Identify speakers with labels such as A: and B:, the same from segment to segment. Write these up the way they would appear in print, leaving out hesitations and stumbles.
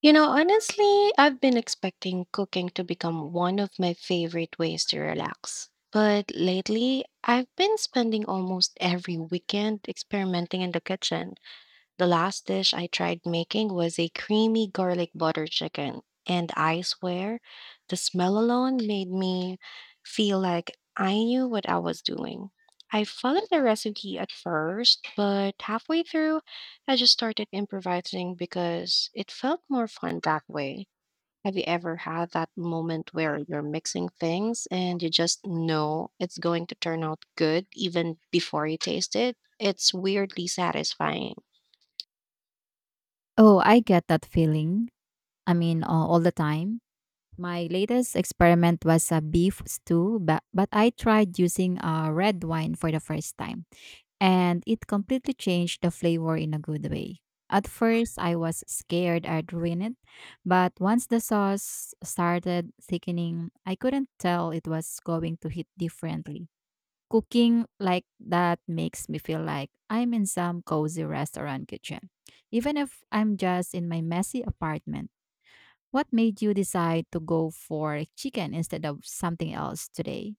A: You know, honestly, I've been expecting cooking to become one of my favorite ways to relax. But lately, I've been spending almost every weekend experimenting in the kitchen. The last dish I tried making was a creamy garlic butter chicken, and I swear the smell alone made me feel like I knew what I was doing. I followed the recipe at first, but halfway through, I just started improvising because it felt more fun that way. Have you ever had that moment where you're mixing things and you just know it's going to turn out good even before you taste it? It's weirdly satisfying.
B: Oh, I get that feeling. I mean, all the time. My latest experiment was a beef stew, but I tried using a red wine for the first time, and it completely changed the flavor in a good way. At first, I was scared I'd ruin it, but once the sauce started thickening, I couldn't tell it was going to hit differently. Cooking like that makes me feel like I'm in some cozy restaurant kitchen, even if I'm just in my messy apartment. What made you decide to go for chicken instead of something else today?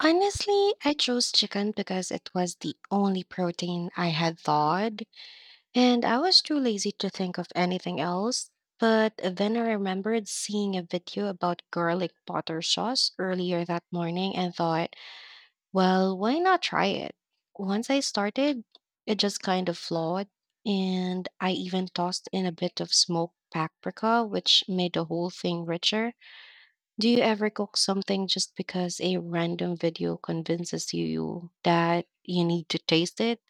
A: Honestly, I chose chicken because it was the only protein I had thawed, and I was too lazy to think of anything else. But then I remembered seeing a video about garlic butter sauce earlier that morning and thought, well, why not try it? Once I started, it just kind of flowed, and I even tossed in a bit of smoked paprika, which made the whole thing richer. Do you ever cook something just because a random video convinces you that you need to taste it?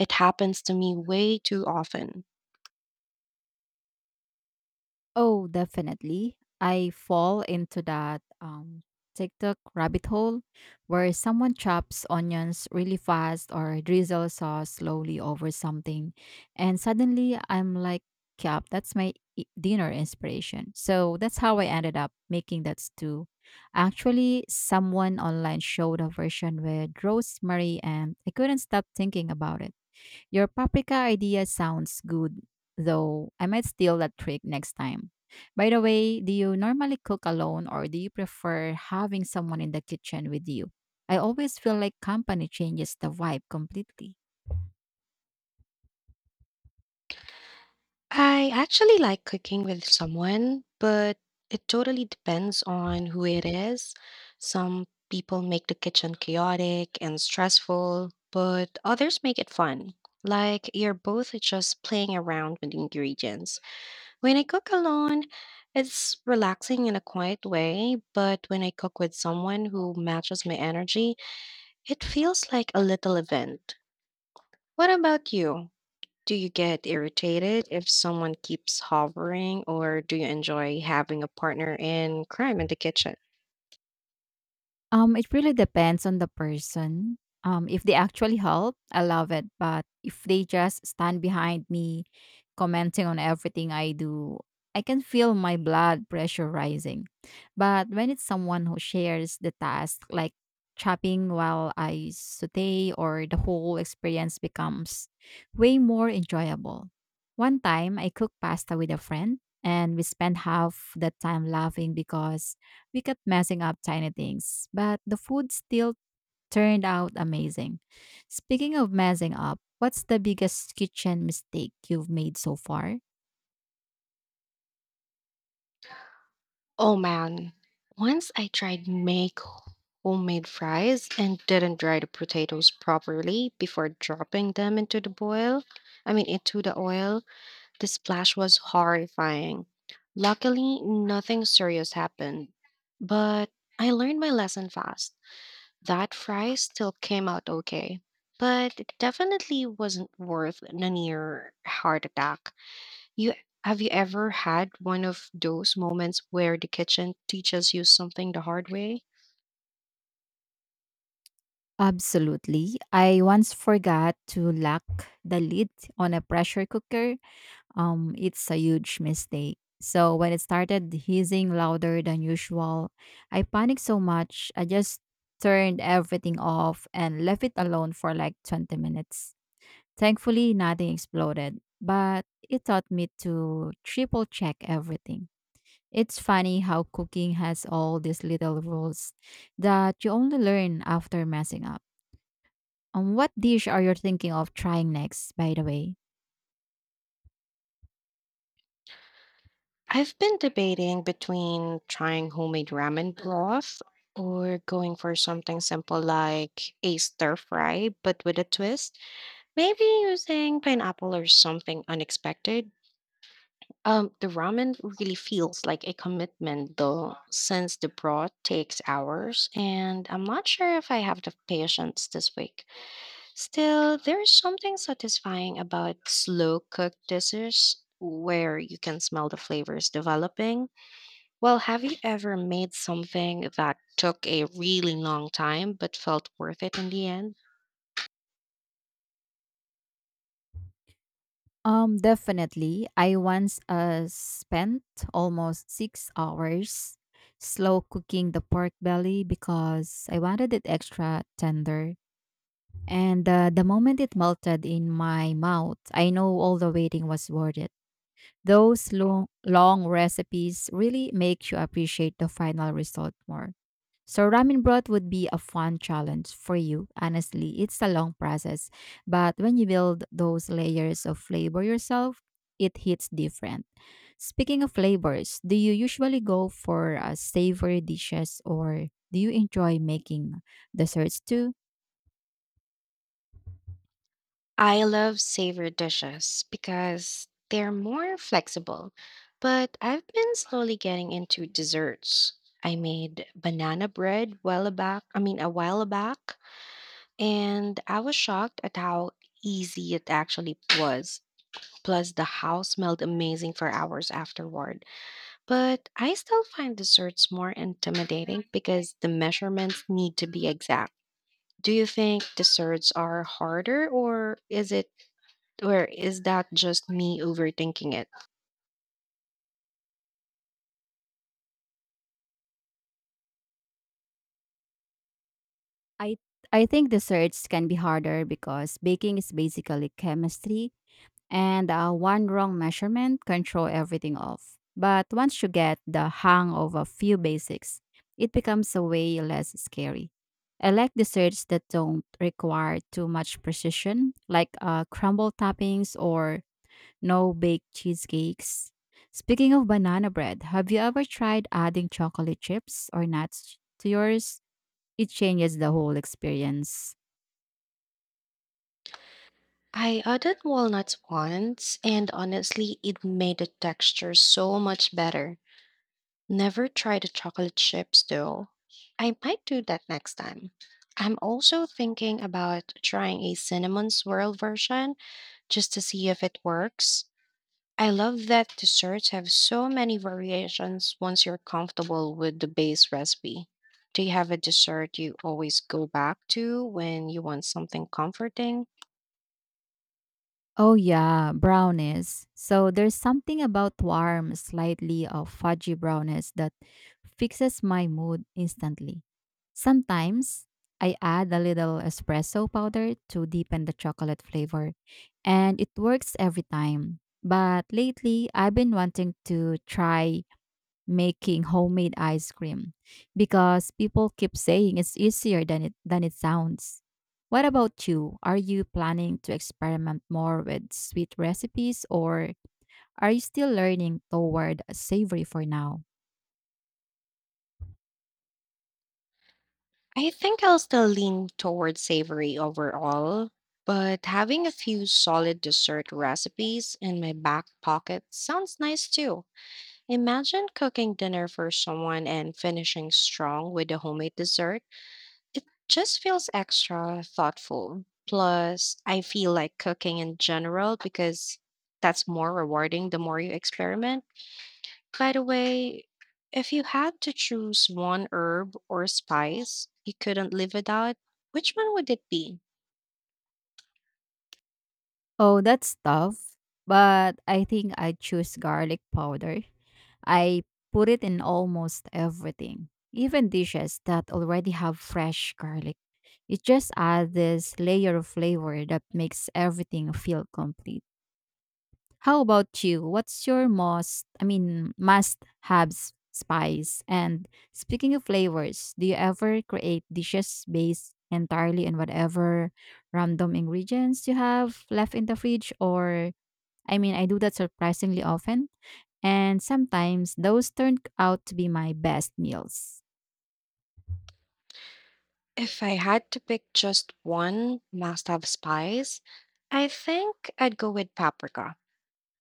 A: It happens to me way too often.
B: Oh, definitely. I fall into that TikTok rabbit hole where someone chops onions really fast or drizzles sauce slowly over something. And suddenly I'm like, yup, that's my dinner inspiration. So that's how I ended up making that stew. Actually, someone online showed a version with rosemary, and I couldn't stop thinking about it. Your paprika idea sounds good, though I might steal that trick next time. By the way, do you normally cook alone or do you prefer having someone in the kitchen with you? I always feel like company changes the vibe completely.
A: I actually like cooking with someone, but it totally depends on who it is. Some people make the kitchen chaotic and stressful, but others make it fun. Like you're both just playing around with ingredients. When I cook alone, it's relaxing in a quiet way, but when I cook with someone who matches my energy, it feels like a little event. What about you? Do you get irritated if someone keeps hovering, or do you enjoy having a partner in crime in the kitchen?
B: It really depends on the person. If they actually help, I love it. But if they just stand behind me, commenting on everything I do, I can feel my blood pressure rising. But when it's someone who shares the task, like chopping while I saute, or the whole experience becomes way more enjoyable. One time, I cooked pasta with a friend, and we spent half the time laughing because we kept messing up tiny things, but the food still turned out amazing. Speaking of messing up, what's the biggest kitchen mistake you've made so far?
A: Oh man, once I tried make homemade fries and didn't dry the potatoes properly before dropping them into the boil. I mean, into the oil. The splash was horrifying. Luckily, nothing serious happened. But I learned my lesson fast. That fry still came out okay. But it definitely wasn't worth a near heart attack. You Have you ever had one of those moments where the kitchen teaches you something the hard way?
B: Absolutely. I once forgot to lock the lid on a pressure cooker. It's a huge mistake. So when it started hissing louder than usual, I panicked so much I just turned everything off and left it alone for like 20 minutes. Thankfully, nothing exploded, but it taught me to triple check everything. It's funny how cooking has all these little rules that you only learn after messing up. What dish are you thinking of trying next, by the way?
A: I've been debating between trying homemade ramen broth or going for something simple like a stir fry but with a twist. Maybe using pineapple or something unexpected. The ramen really feels like a commitment though, since the broth takes hours, and I'm not sure if I have the patience this week. Still, there's something satisfying about slow cooked dishes where you can smell the flavors developing. Well, have you ever made something that took a really long time but felt worth it in the end?
B: Definitely. I once spent almost 6 hours slow cooking the pork belly because I wanted it extra tender. And the moment it melted in my mouth, I know all the waiting was worth it. Those long, long recipes really make you appreciate the final result more. So, ramen broth would be a fun challenge for you. Honestly, it's a long process, but when you build those layers of flavor yourself, it hits different. Speaking of flavors, do you usually go for savory dishes or do you enjoy making desserts too?
A: I love savory dishes because they're more flexible, but I've been slowly getting into desserts. I made banana bread I mean a while back, and I was shocked at how easy it actually was. Plus the house smelled amazing for hours afterward. But I still find desserts more intimidating because the measurements need to be exact. Do you think desserts are harder or is that just me overthinking it?
B: I I think desserts can be harder because baking is basically chemistry, and one wrong measurement can throw everything off. But once you get the hang of a few basics, it becomes a way less scary. I like desserts that don't require too much precision, like crumble toppings or no bake cheesecakes. Speaking of banana bread, have you ever tried adding chocolate chips or nuts to yours? It changes the whole experience.
A: I added walnuts once, and honestly, it made the texture so much better. Never tried the chocolate chips though. I might do that next time. I'm also thinking about trying a cinnamon swirl version just to see if it works. I love that desserts have so many variations once you're comfortable with the base recipe. Do you have a dessert you always go back to when you want something comforting?
B: Oh yeah, brownies. So there's something about warm, slightly of fudgy brownies that fixes my mood instantly. Sometimes I add a little espresso powder to deepen the chocolate flavor, and it works every time. But lately, I've been wanting to try making homemade ice cream because people keep saying it's easier than it sounds. What about you? Are you planning to experiment more with sweet recipes or are you still learning toward savory for now?
A: I think I'll still lean toward savory overall, but having a few solid dessert recipes in my back pocket sounds nice too. Imagine cooking dinner for someone and finishing strong with a homemade dessert. It just feels extra thoughtful. Plus, I feel like cooking in general because that's more rewarding the more you experiment. By the way, if you had to choose one herb or spice you couldn't live without, which one would it be?
B: Oh, that's tough, but I think I choose garlic powder. I put it in almost everything, even dishes that already have fresh garlic. It just adds this layer of flavor that makes everything feel complete. How about you? What's your most, I mean, must have spice? And speaking of flavors, do you ever create dishes based entirely on whatever random ingredients you have left in the fridge or I mean, I do that surprisingly often, and sometimes those turn out to be my best meals.
A: If I had to pick just one must-have spice, I think I'd go with paprika,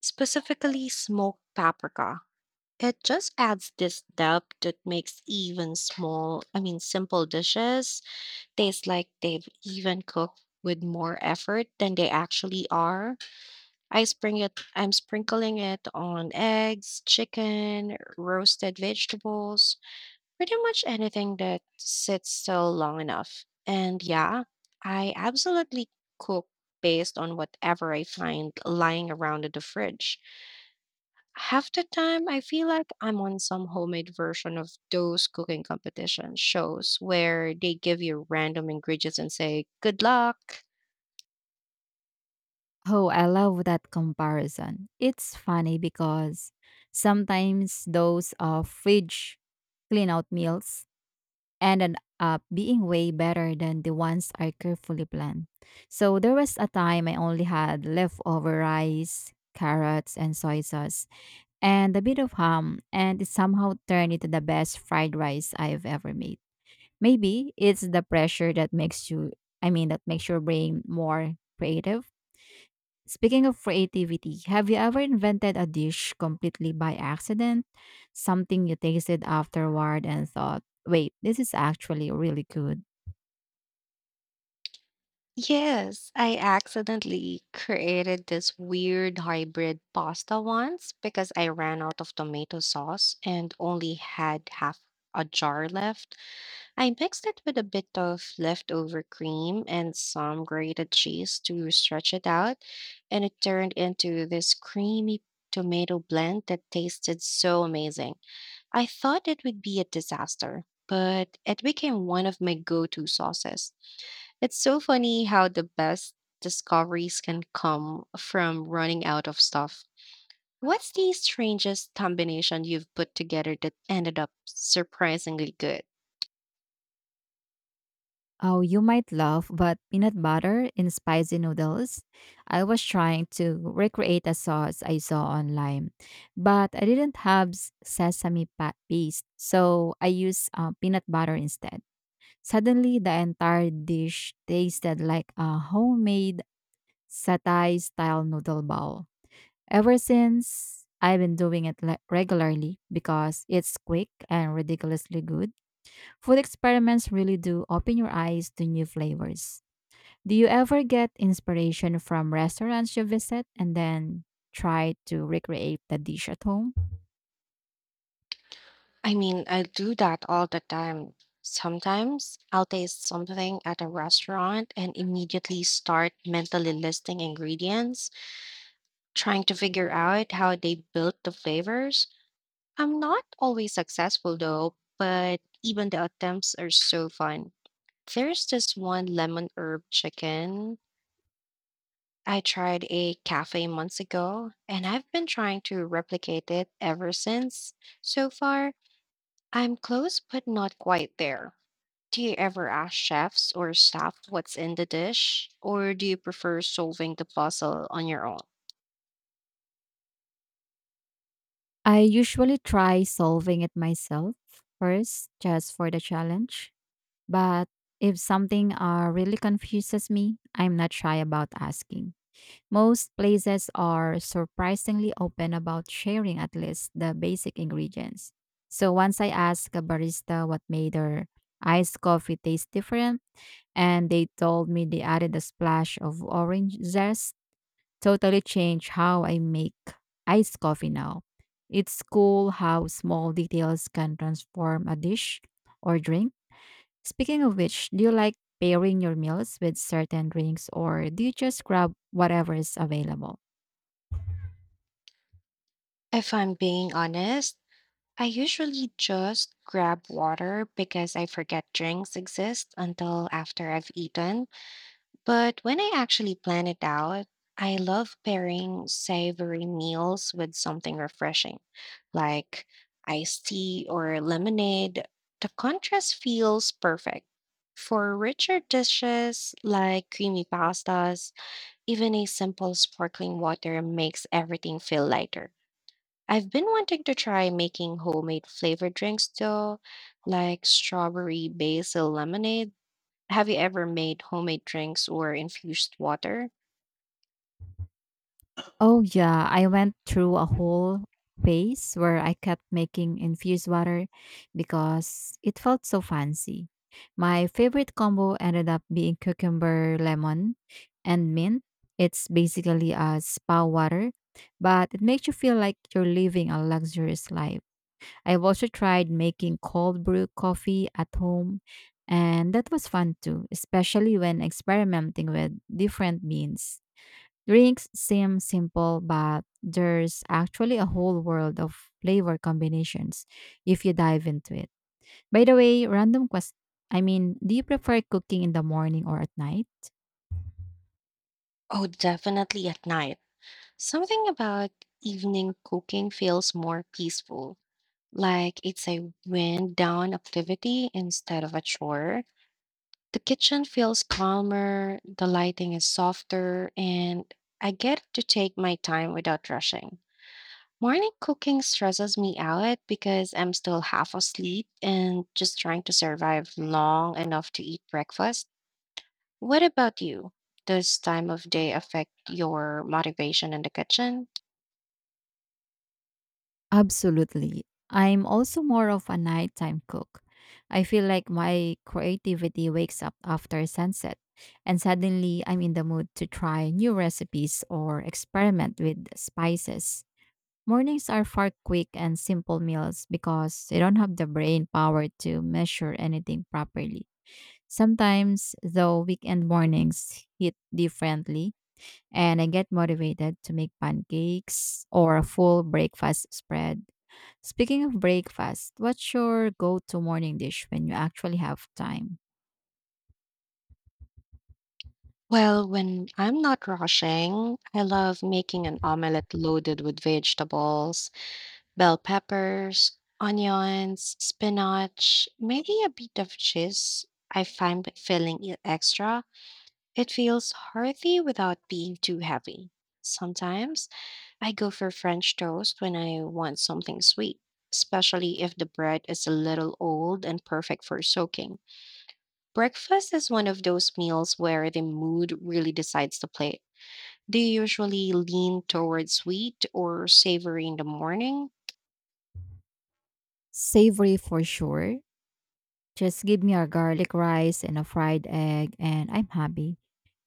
A: specifically smoked paprika. It just adds this depth that makes even I mean, simple dishes taste like they've even cooked with more effort than they actually are. I'm sprinkling it on eggs, chicken, roasted vegetables, pretty much anything that sits still long enough. And yeah, I absolutely cook based on whatever I find lying around in the fridge. Half the time, I feel like I'm on some homemade version of those cooking competition shows where they give you random ingredients and say, good luck.
B: Oh, I love that comparison. It's funny because sometimes those fridge clean out meals ended up being way better than the ones I carefully planned. So there was a time I only had leftover rice, carrots, and soy sauce, and a bit of ham, and it somehow turned into the best fried rice I've ever made. Maybe it's the pressure that makes you, I mean, that makes your brain more creative. Speaking of creativity, have you ever invented a dish completely by accident? Something you tasted afterward and thought, wait, this is actually really good.
A: Yes, I accidentally created this weird hybrid pasta once because I ran out of tomato sauce and only had half a jar left. I mixed it with a bit of leftover cream and some grated cheese to stretch it out, and it turned into this creamy tomato blend that tasted so amazing. I thought it would be a disaster, but it became one of my go-to sauces. It's so funny how the best discoveries can come from running out of stuff. What's the strangest combination you've put together that ended up surprisingly good?
B: Oh, you might laugh, but peanut butter in spicy noodles? I was trying to recreate a sauce I saw online, but I didn't have sesame paste, so I used peanut butter instead. Suddenly, the entire dish tasted like a homemade satay style noodle bowl. Ever since, I've been doing it regularly because it's quick and ridiculously good. Food experiments really do open your eyes to new flavors. Do you ever get inspiration from restaurants you visit and then try to recreate the dish at home?
A: I mean, I do that all the time. Sometimes I'll taste something at a restaurant and immediately start mentally listing ingredients, trying to figure out how they built the flavors. I'm not always successful though, but even the attempts are so fun. There's this one lemon herb chicken I tried a cafe months ago, and I've been trying to replicate it ever since. So far, I'm close but not quite there. Do you ever ask chefs or staff what's in the dish, or do you prefer solving the puzzle on your own?
B: I usually try solving it myself first, just for the challenge. But if something really confuses me, I'm not shy about asking. Most places are surprisingly open about sharing at least the basic ingredients. So once I asked a barista what made their iced coffee taste different, and they told me they added a splash of orange zest, totally changed how I make iced coffee now. It's cool how small details can transform a dish or drink. Speaking of which, do you like pairing your meals with certain drinks or do you just grab whatever is available?
A: If I'm being honest, I usually just grab water because I forget drinks exist until after I've eaten. But when I actually plan it out, I love pairing savory meals with something refreshing, like iced tea or lemonade. The contrast feels perfect. For richer dishes like creamy pastas, even a simple sparkling water makes everything feel lighter. I've been wanting to try making homemade flavored drinks though, like strawberry basil lemonade. Have you ever made homemade drinks or infused water?
B: Oh, yeah, I went through a whole phase where I kept making infused water because it felt so fancy. My favorite combo ended up being cucumber, lemon, and mint. It's basically a spa water, but it makes you feel like you're living a luxurious life. I've also tried making cold brew coffee at home, and that was fun too, especially when experimenting with different beans. Drinks seem simple, but there's actually a whole world of flavor combinations if you dive into it. By the way, random quest I mean, do you prefer cooking in the morning or at night?
A: Oh, definitely at night. Something about evening cooking feels more peaceful, like it's a wind down activity instead of a chore. The kitchen feels calmer, the lighting is softer, and I get to take my time without rushing. Morning cooking stresses me out because I'm still half asleep and just trying to survive long enough to eat breakfast. What about you? Does time of day affect your motivation in the kitchen?
B: Absolutely. I'm also more of a nighttime cook. I feel like my creativity wakes up after sunset, and suddenly I'm in the mood to try new recipes or experiment with spices. Mornings are far quick and simple meals because they don't have the brain power to measure anything properly. Sometimes, though, weekend mornings hit differently, and I get motivated to make pancakes or a full breakfast spread. Speaking of breakfast, what's your go to morning dish when you actually have time?
A: Well, when I'm not rushing, I love making an omelette loaded with vegetables, bell peppers, onions, spinach, maybe a bit of cheese. I find by filling it extra, it feels hearty without being too heavy. Sometimes I go for French toast when I want something sweet, especially if the bread is a little old and perfect for soaking. Breakfast is one of those meals where the mood really decides the plate. Do you usually lean toward sweet or savory in the morning?
B: Savory for sure. Just give me a garlic rice and a fried egg, and I'm happy.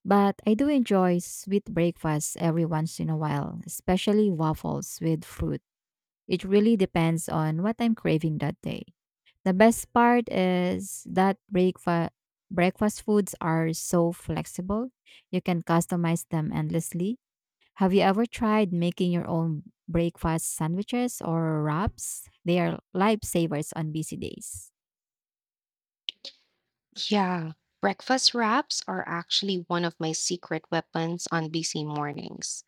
B: But I do enjoy sweet breakfasts every once in a while, especially waffles with fruit. It really depends on what I'm craving that day. The best part is that breakfast foods are so flexible. You can customize them endlessly. Have you ever tried making your own breakfast sandwiches or wraps? They are lifesavers on busy days.
A: Yeah, breakfast wraps are actually one of my secret weapons on busy mornings.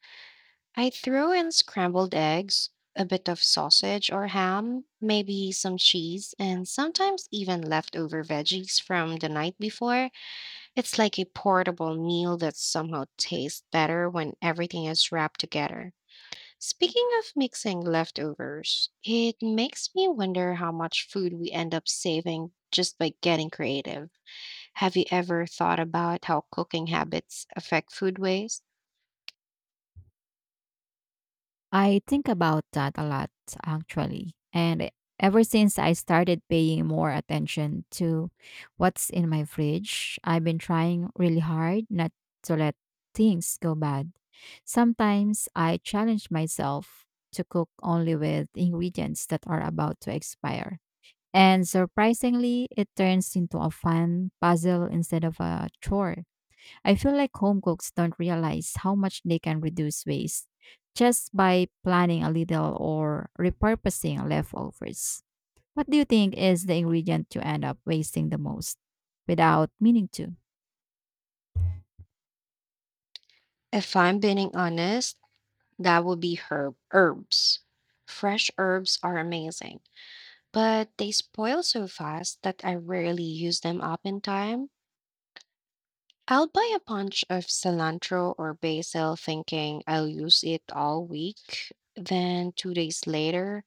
A: I throw in scrambled eggs, a bit of sausage or ham, maybe some cheese, and sometimes even leftover veggies from the night before. It's like a portable meal that somehow tastes better when everything is wrapped together. Speaking of mixing leftovers, it makes me wonder how much food we end up saving just by getting creative. Have you ever thought about how cooking habits affect food waste?
B: I think about that a lot, actually. And ever since I started paying more attention to what's in my fridge, I've been trying really hard not to let things go bad. Sometimes I challenge myself to cook only with ingredients that are about to expire. And surprisingly, it turns into a fun puzzle instead of a chore. I feel like home cooks don't realize how much they can reduce waste just by planning a little or repurposing leftovers. What do you think is the ingredient you end up wasting the most without meaning to?
A: If I'm being honest, that would be herbs. Fresh herbs are amazing, but they spoil so fast that I rarely use them up in time. I'll buy a bunch of cilantro or basil thinking I'll use it all week. Then 2 days later,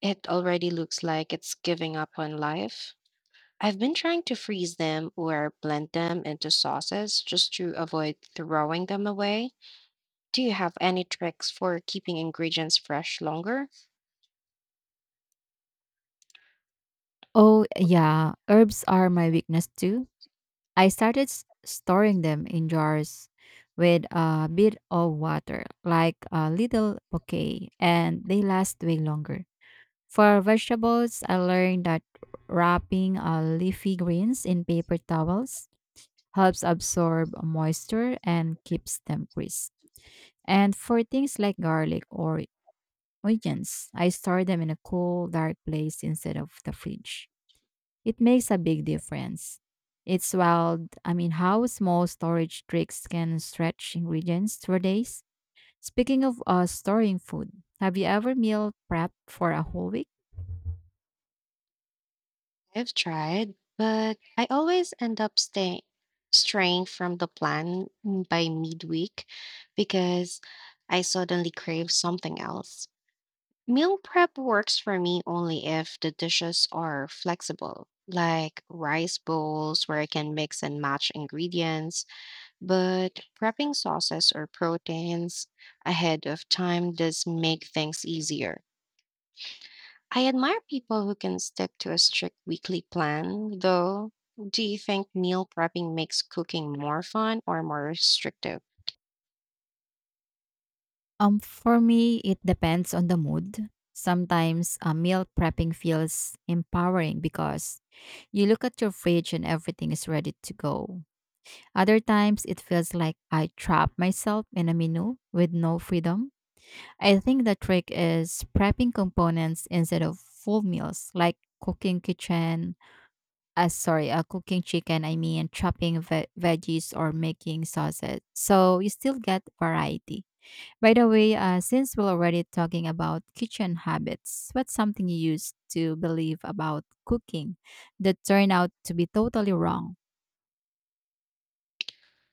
A: it already looks like it's giving up on life. I've been trying to freeze them or blend them into sauces just to avoid throwing them away. Do you have any tricks for keeping ingredients fresh longer?
B: Oh, yeah, herbs are my weakness too. I started storing them in jars with a bit of water, like a little bouquet, and they last way longer. For vegetables, I learned that wrapping leafy greens in paper towels helps absorb moisture and keeps them crisp. And for things like garlic or onions, I store them in a cool, dark place instead of the fridge. It makes a big difference. It's wild, I mean, how small storage tricks can stretch ingredients for days. Speaking of storing food, have you ever meal prepped for a whole week?
A: I've tried, but I always end up staying straying from the plan by midweek because I suddenly crave something else. Meal prep works for me only if the dishes are flexible, like rice bowls where I can mix and match ingredients, but prepping sauces or proteins ahead of time does make things easier. I admire people who can stick to a strict weekly plan, though. Do you think meal prepping makes cooking more fun or more restrictive?
B: For me, it depends on the mood. Sometimes meal prepping feels empowering because you look at your fridge and everything is ready to go. Other times, it feels like I trap myself in a menu with no freedom. I think the trick is prepping components instead of full meals, like cooking chicken, I mean, chopping veggies or making sausage. So you still get variety. By the way, since we're already talking about kitchen habits, what's something you used to believe about cooking that turned out to be totally wrong?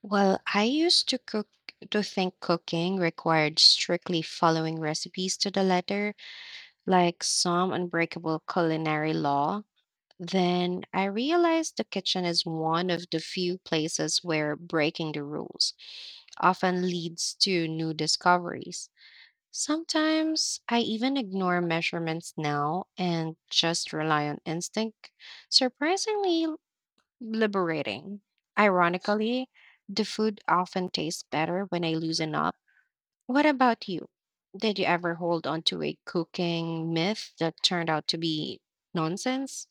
A: Well, I used to cook to think cooking required strictly following recipes to the letter, like some unbreakable culinary law. Then I realized the kitchen is one of the few places where breaking the rules often leads to new discoveries. Sometimes I even ignore measurements now and just rely on instinct. Surprisingly liberating. Ironically, the food often tastes better when I loosen up. What about you? Did you ever hold on to a cooking myth that turned out to be nonsense?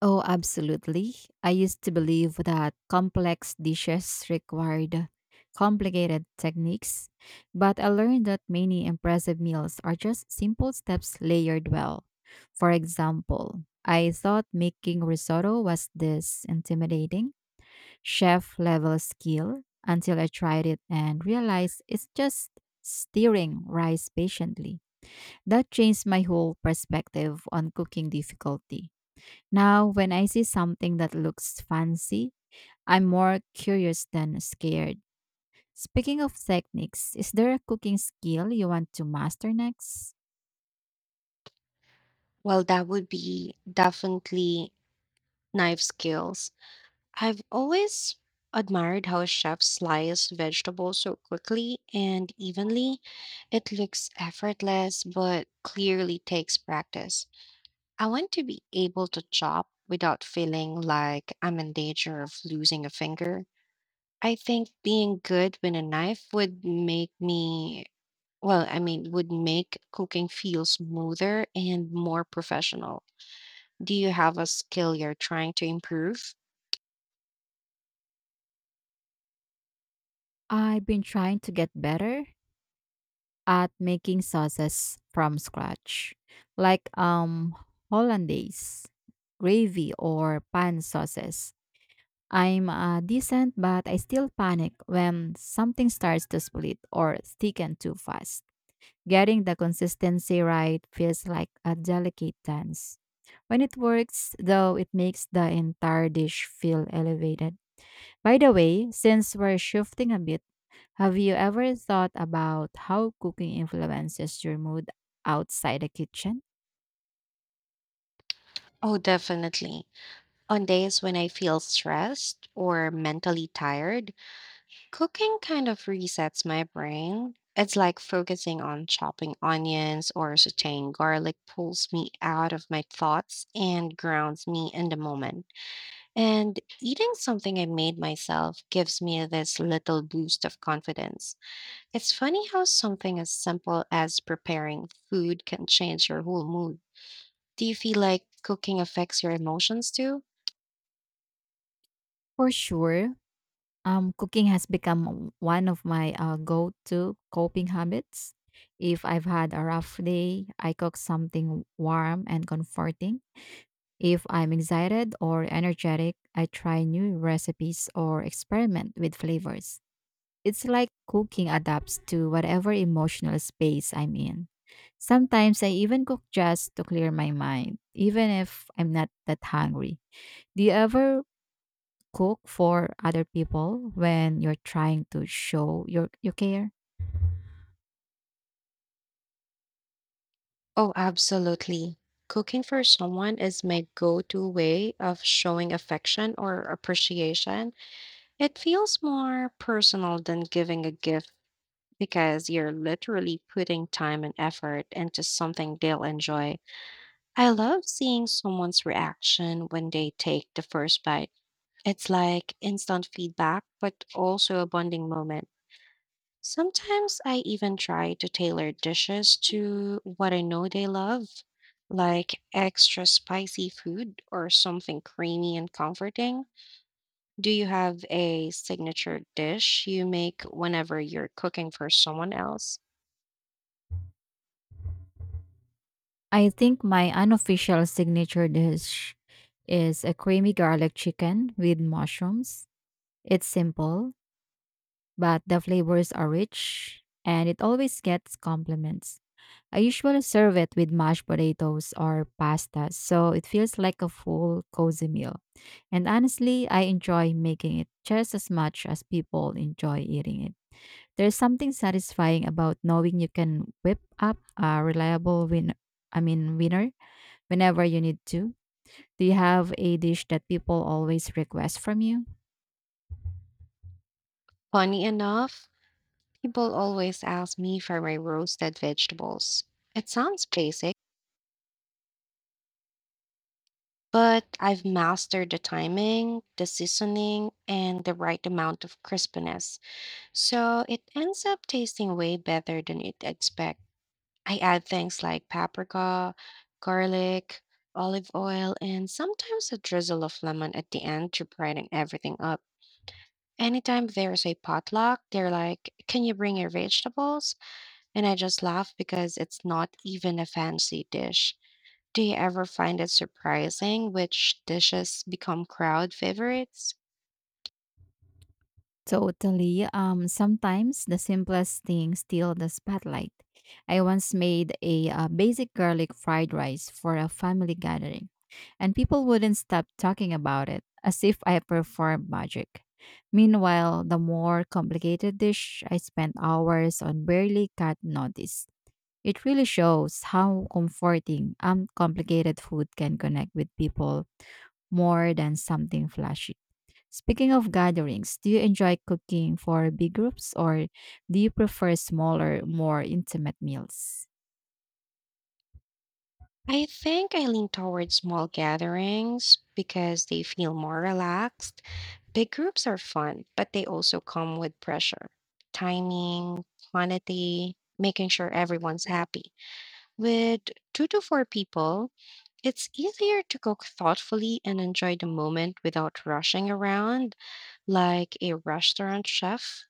B: Oh, absolutely. I used to believe that complex dishes required complicated techniques, but I learned that many impressive meals are just simple steps layered well. For example, I thought making risotto was this intimidating chef level skill until I tried it and realized it's just stirring rice patiently. That changed my whole perspective on cooking difficulty. Now, when I see something that looks fancy, I'm more curious than scared. Speaking of techniques, is there a cooking skill you want to master next?
A: Well, that would be definitely knife skills. I've always admired how chefs slice vegetables so quickly and evenly. It looks effortless, but clearly takes practice. I want to be able to chop without feeling like I'm in danger of losing a finger. I think being good with a knife would I mean, would make cooking feel smoother and more professional. Do you have a skill you're trying to improve?
B: I've been trying to get better at making sauces from scratch, like hollandaise, gravy or pan sauces. I'm decent, but I still panic when something starts to split or thicken too fast. Getting the consistency right feels like a delicate dance. When it works, though, it makes the entire dish feel elevated. By the way, since we're shifting a bit, have you ever thought about how cooking influences your mood outside the kitchen?
A: Oh, definitely. On days when I feel stressed or mentally tired, cooking kind of resets my brain. It's like focusing on chopping onions or sauteing garlic pulls me out of my thoughts and grounds me in the moment. And eating something I made myself gives me this little boost of confidence. It's funny how something as simple as preparing food can change your whole mood. Do you feel like cooking affects your emotions too?
B: For sure, cooking has become one of my go to coping habits. If I've had a rough day, I cook something warm and comforting. If I'm excited or energetic, I try new recipes or experiment with flavors. It's like cooking adapts to whatever emotional space I'm in. Sometimes I even cook just to clear my mind, even if I'm not that hungry. Do you ever cook for other people when you're trying to show your care?
A: Oh, absolutely. Cooking for someone is my go to way of showing affection or appreciation. It feels more personal than giving a gift because you're literally putting time and effort into something they'll enjoy. I love seeing someone's reaction when they take the first bite. It's like instant feedback, but also a bonding moment. Sometimes I even try to tailor dishes to what I know they love, like extra spicy food or something creamy and comforting. Do you have a signature dish you make whenever you're cooking for someone else?
B: I think my unofficial signature dish is a creamy garlic chicken with mushrooms. It's simple but the flavors are rich and it always gets compliments. I usually serve it with mashed potatoes or pasta, so it feels like a full, cozy meal. And honestly, I enjoy making it just as much as people enjoy eating it. There's something satisfying about knowing you can whip up a reliable winner whenever you need to. Do you have a dish that people always request from you?
A: Funny enough, people always ask me for my roasted vegetables. It sounds basic, but I've mastered the timing, the seasoning, and the right amount of crispiness. So it ends up tasting way better than you'd expect. I add things like paprika, garlic, olive oil, and sometimes a drizzle of lemon at the end to brighten everything up. Anytime there's a potluck, they're like, "Can you bring your vegetables?" And I just laugh because it's not even a fancy dish. Do you ever find it surprising which dishes become crowd favorites?
B: Totally. Sometimes the simplest things steal the spotlight. I once made a basic garlic fried rice for a family gathering, and people wouldn't stop talking about it as if I performed magic. Meanwhile, the more complicated dish, I spent hours on barely got noticed. It really shows how comforting complicated food can connect with people more than something flashy. Speaking of gatherings, do you enjoy cooking for big groups or do you prefer smaller, more intimate meals?
A: I think I lean towards small gatherings because they feel more relaxed. Big groups are fun, but they also come with pressure. Timing, quantity, making sure everyone's happy. With 2 to 4 people, it's easier to cook thoughtfully and enjoy the moment without rushing around like a restaurant chef.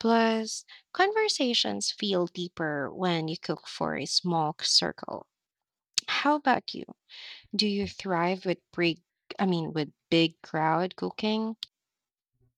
A: Plus, conversations feel deeper when you cook for a small circle. How about you? Do you thrive with I mean, with big crowd cooking?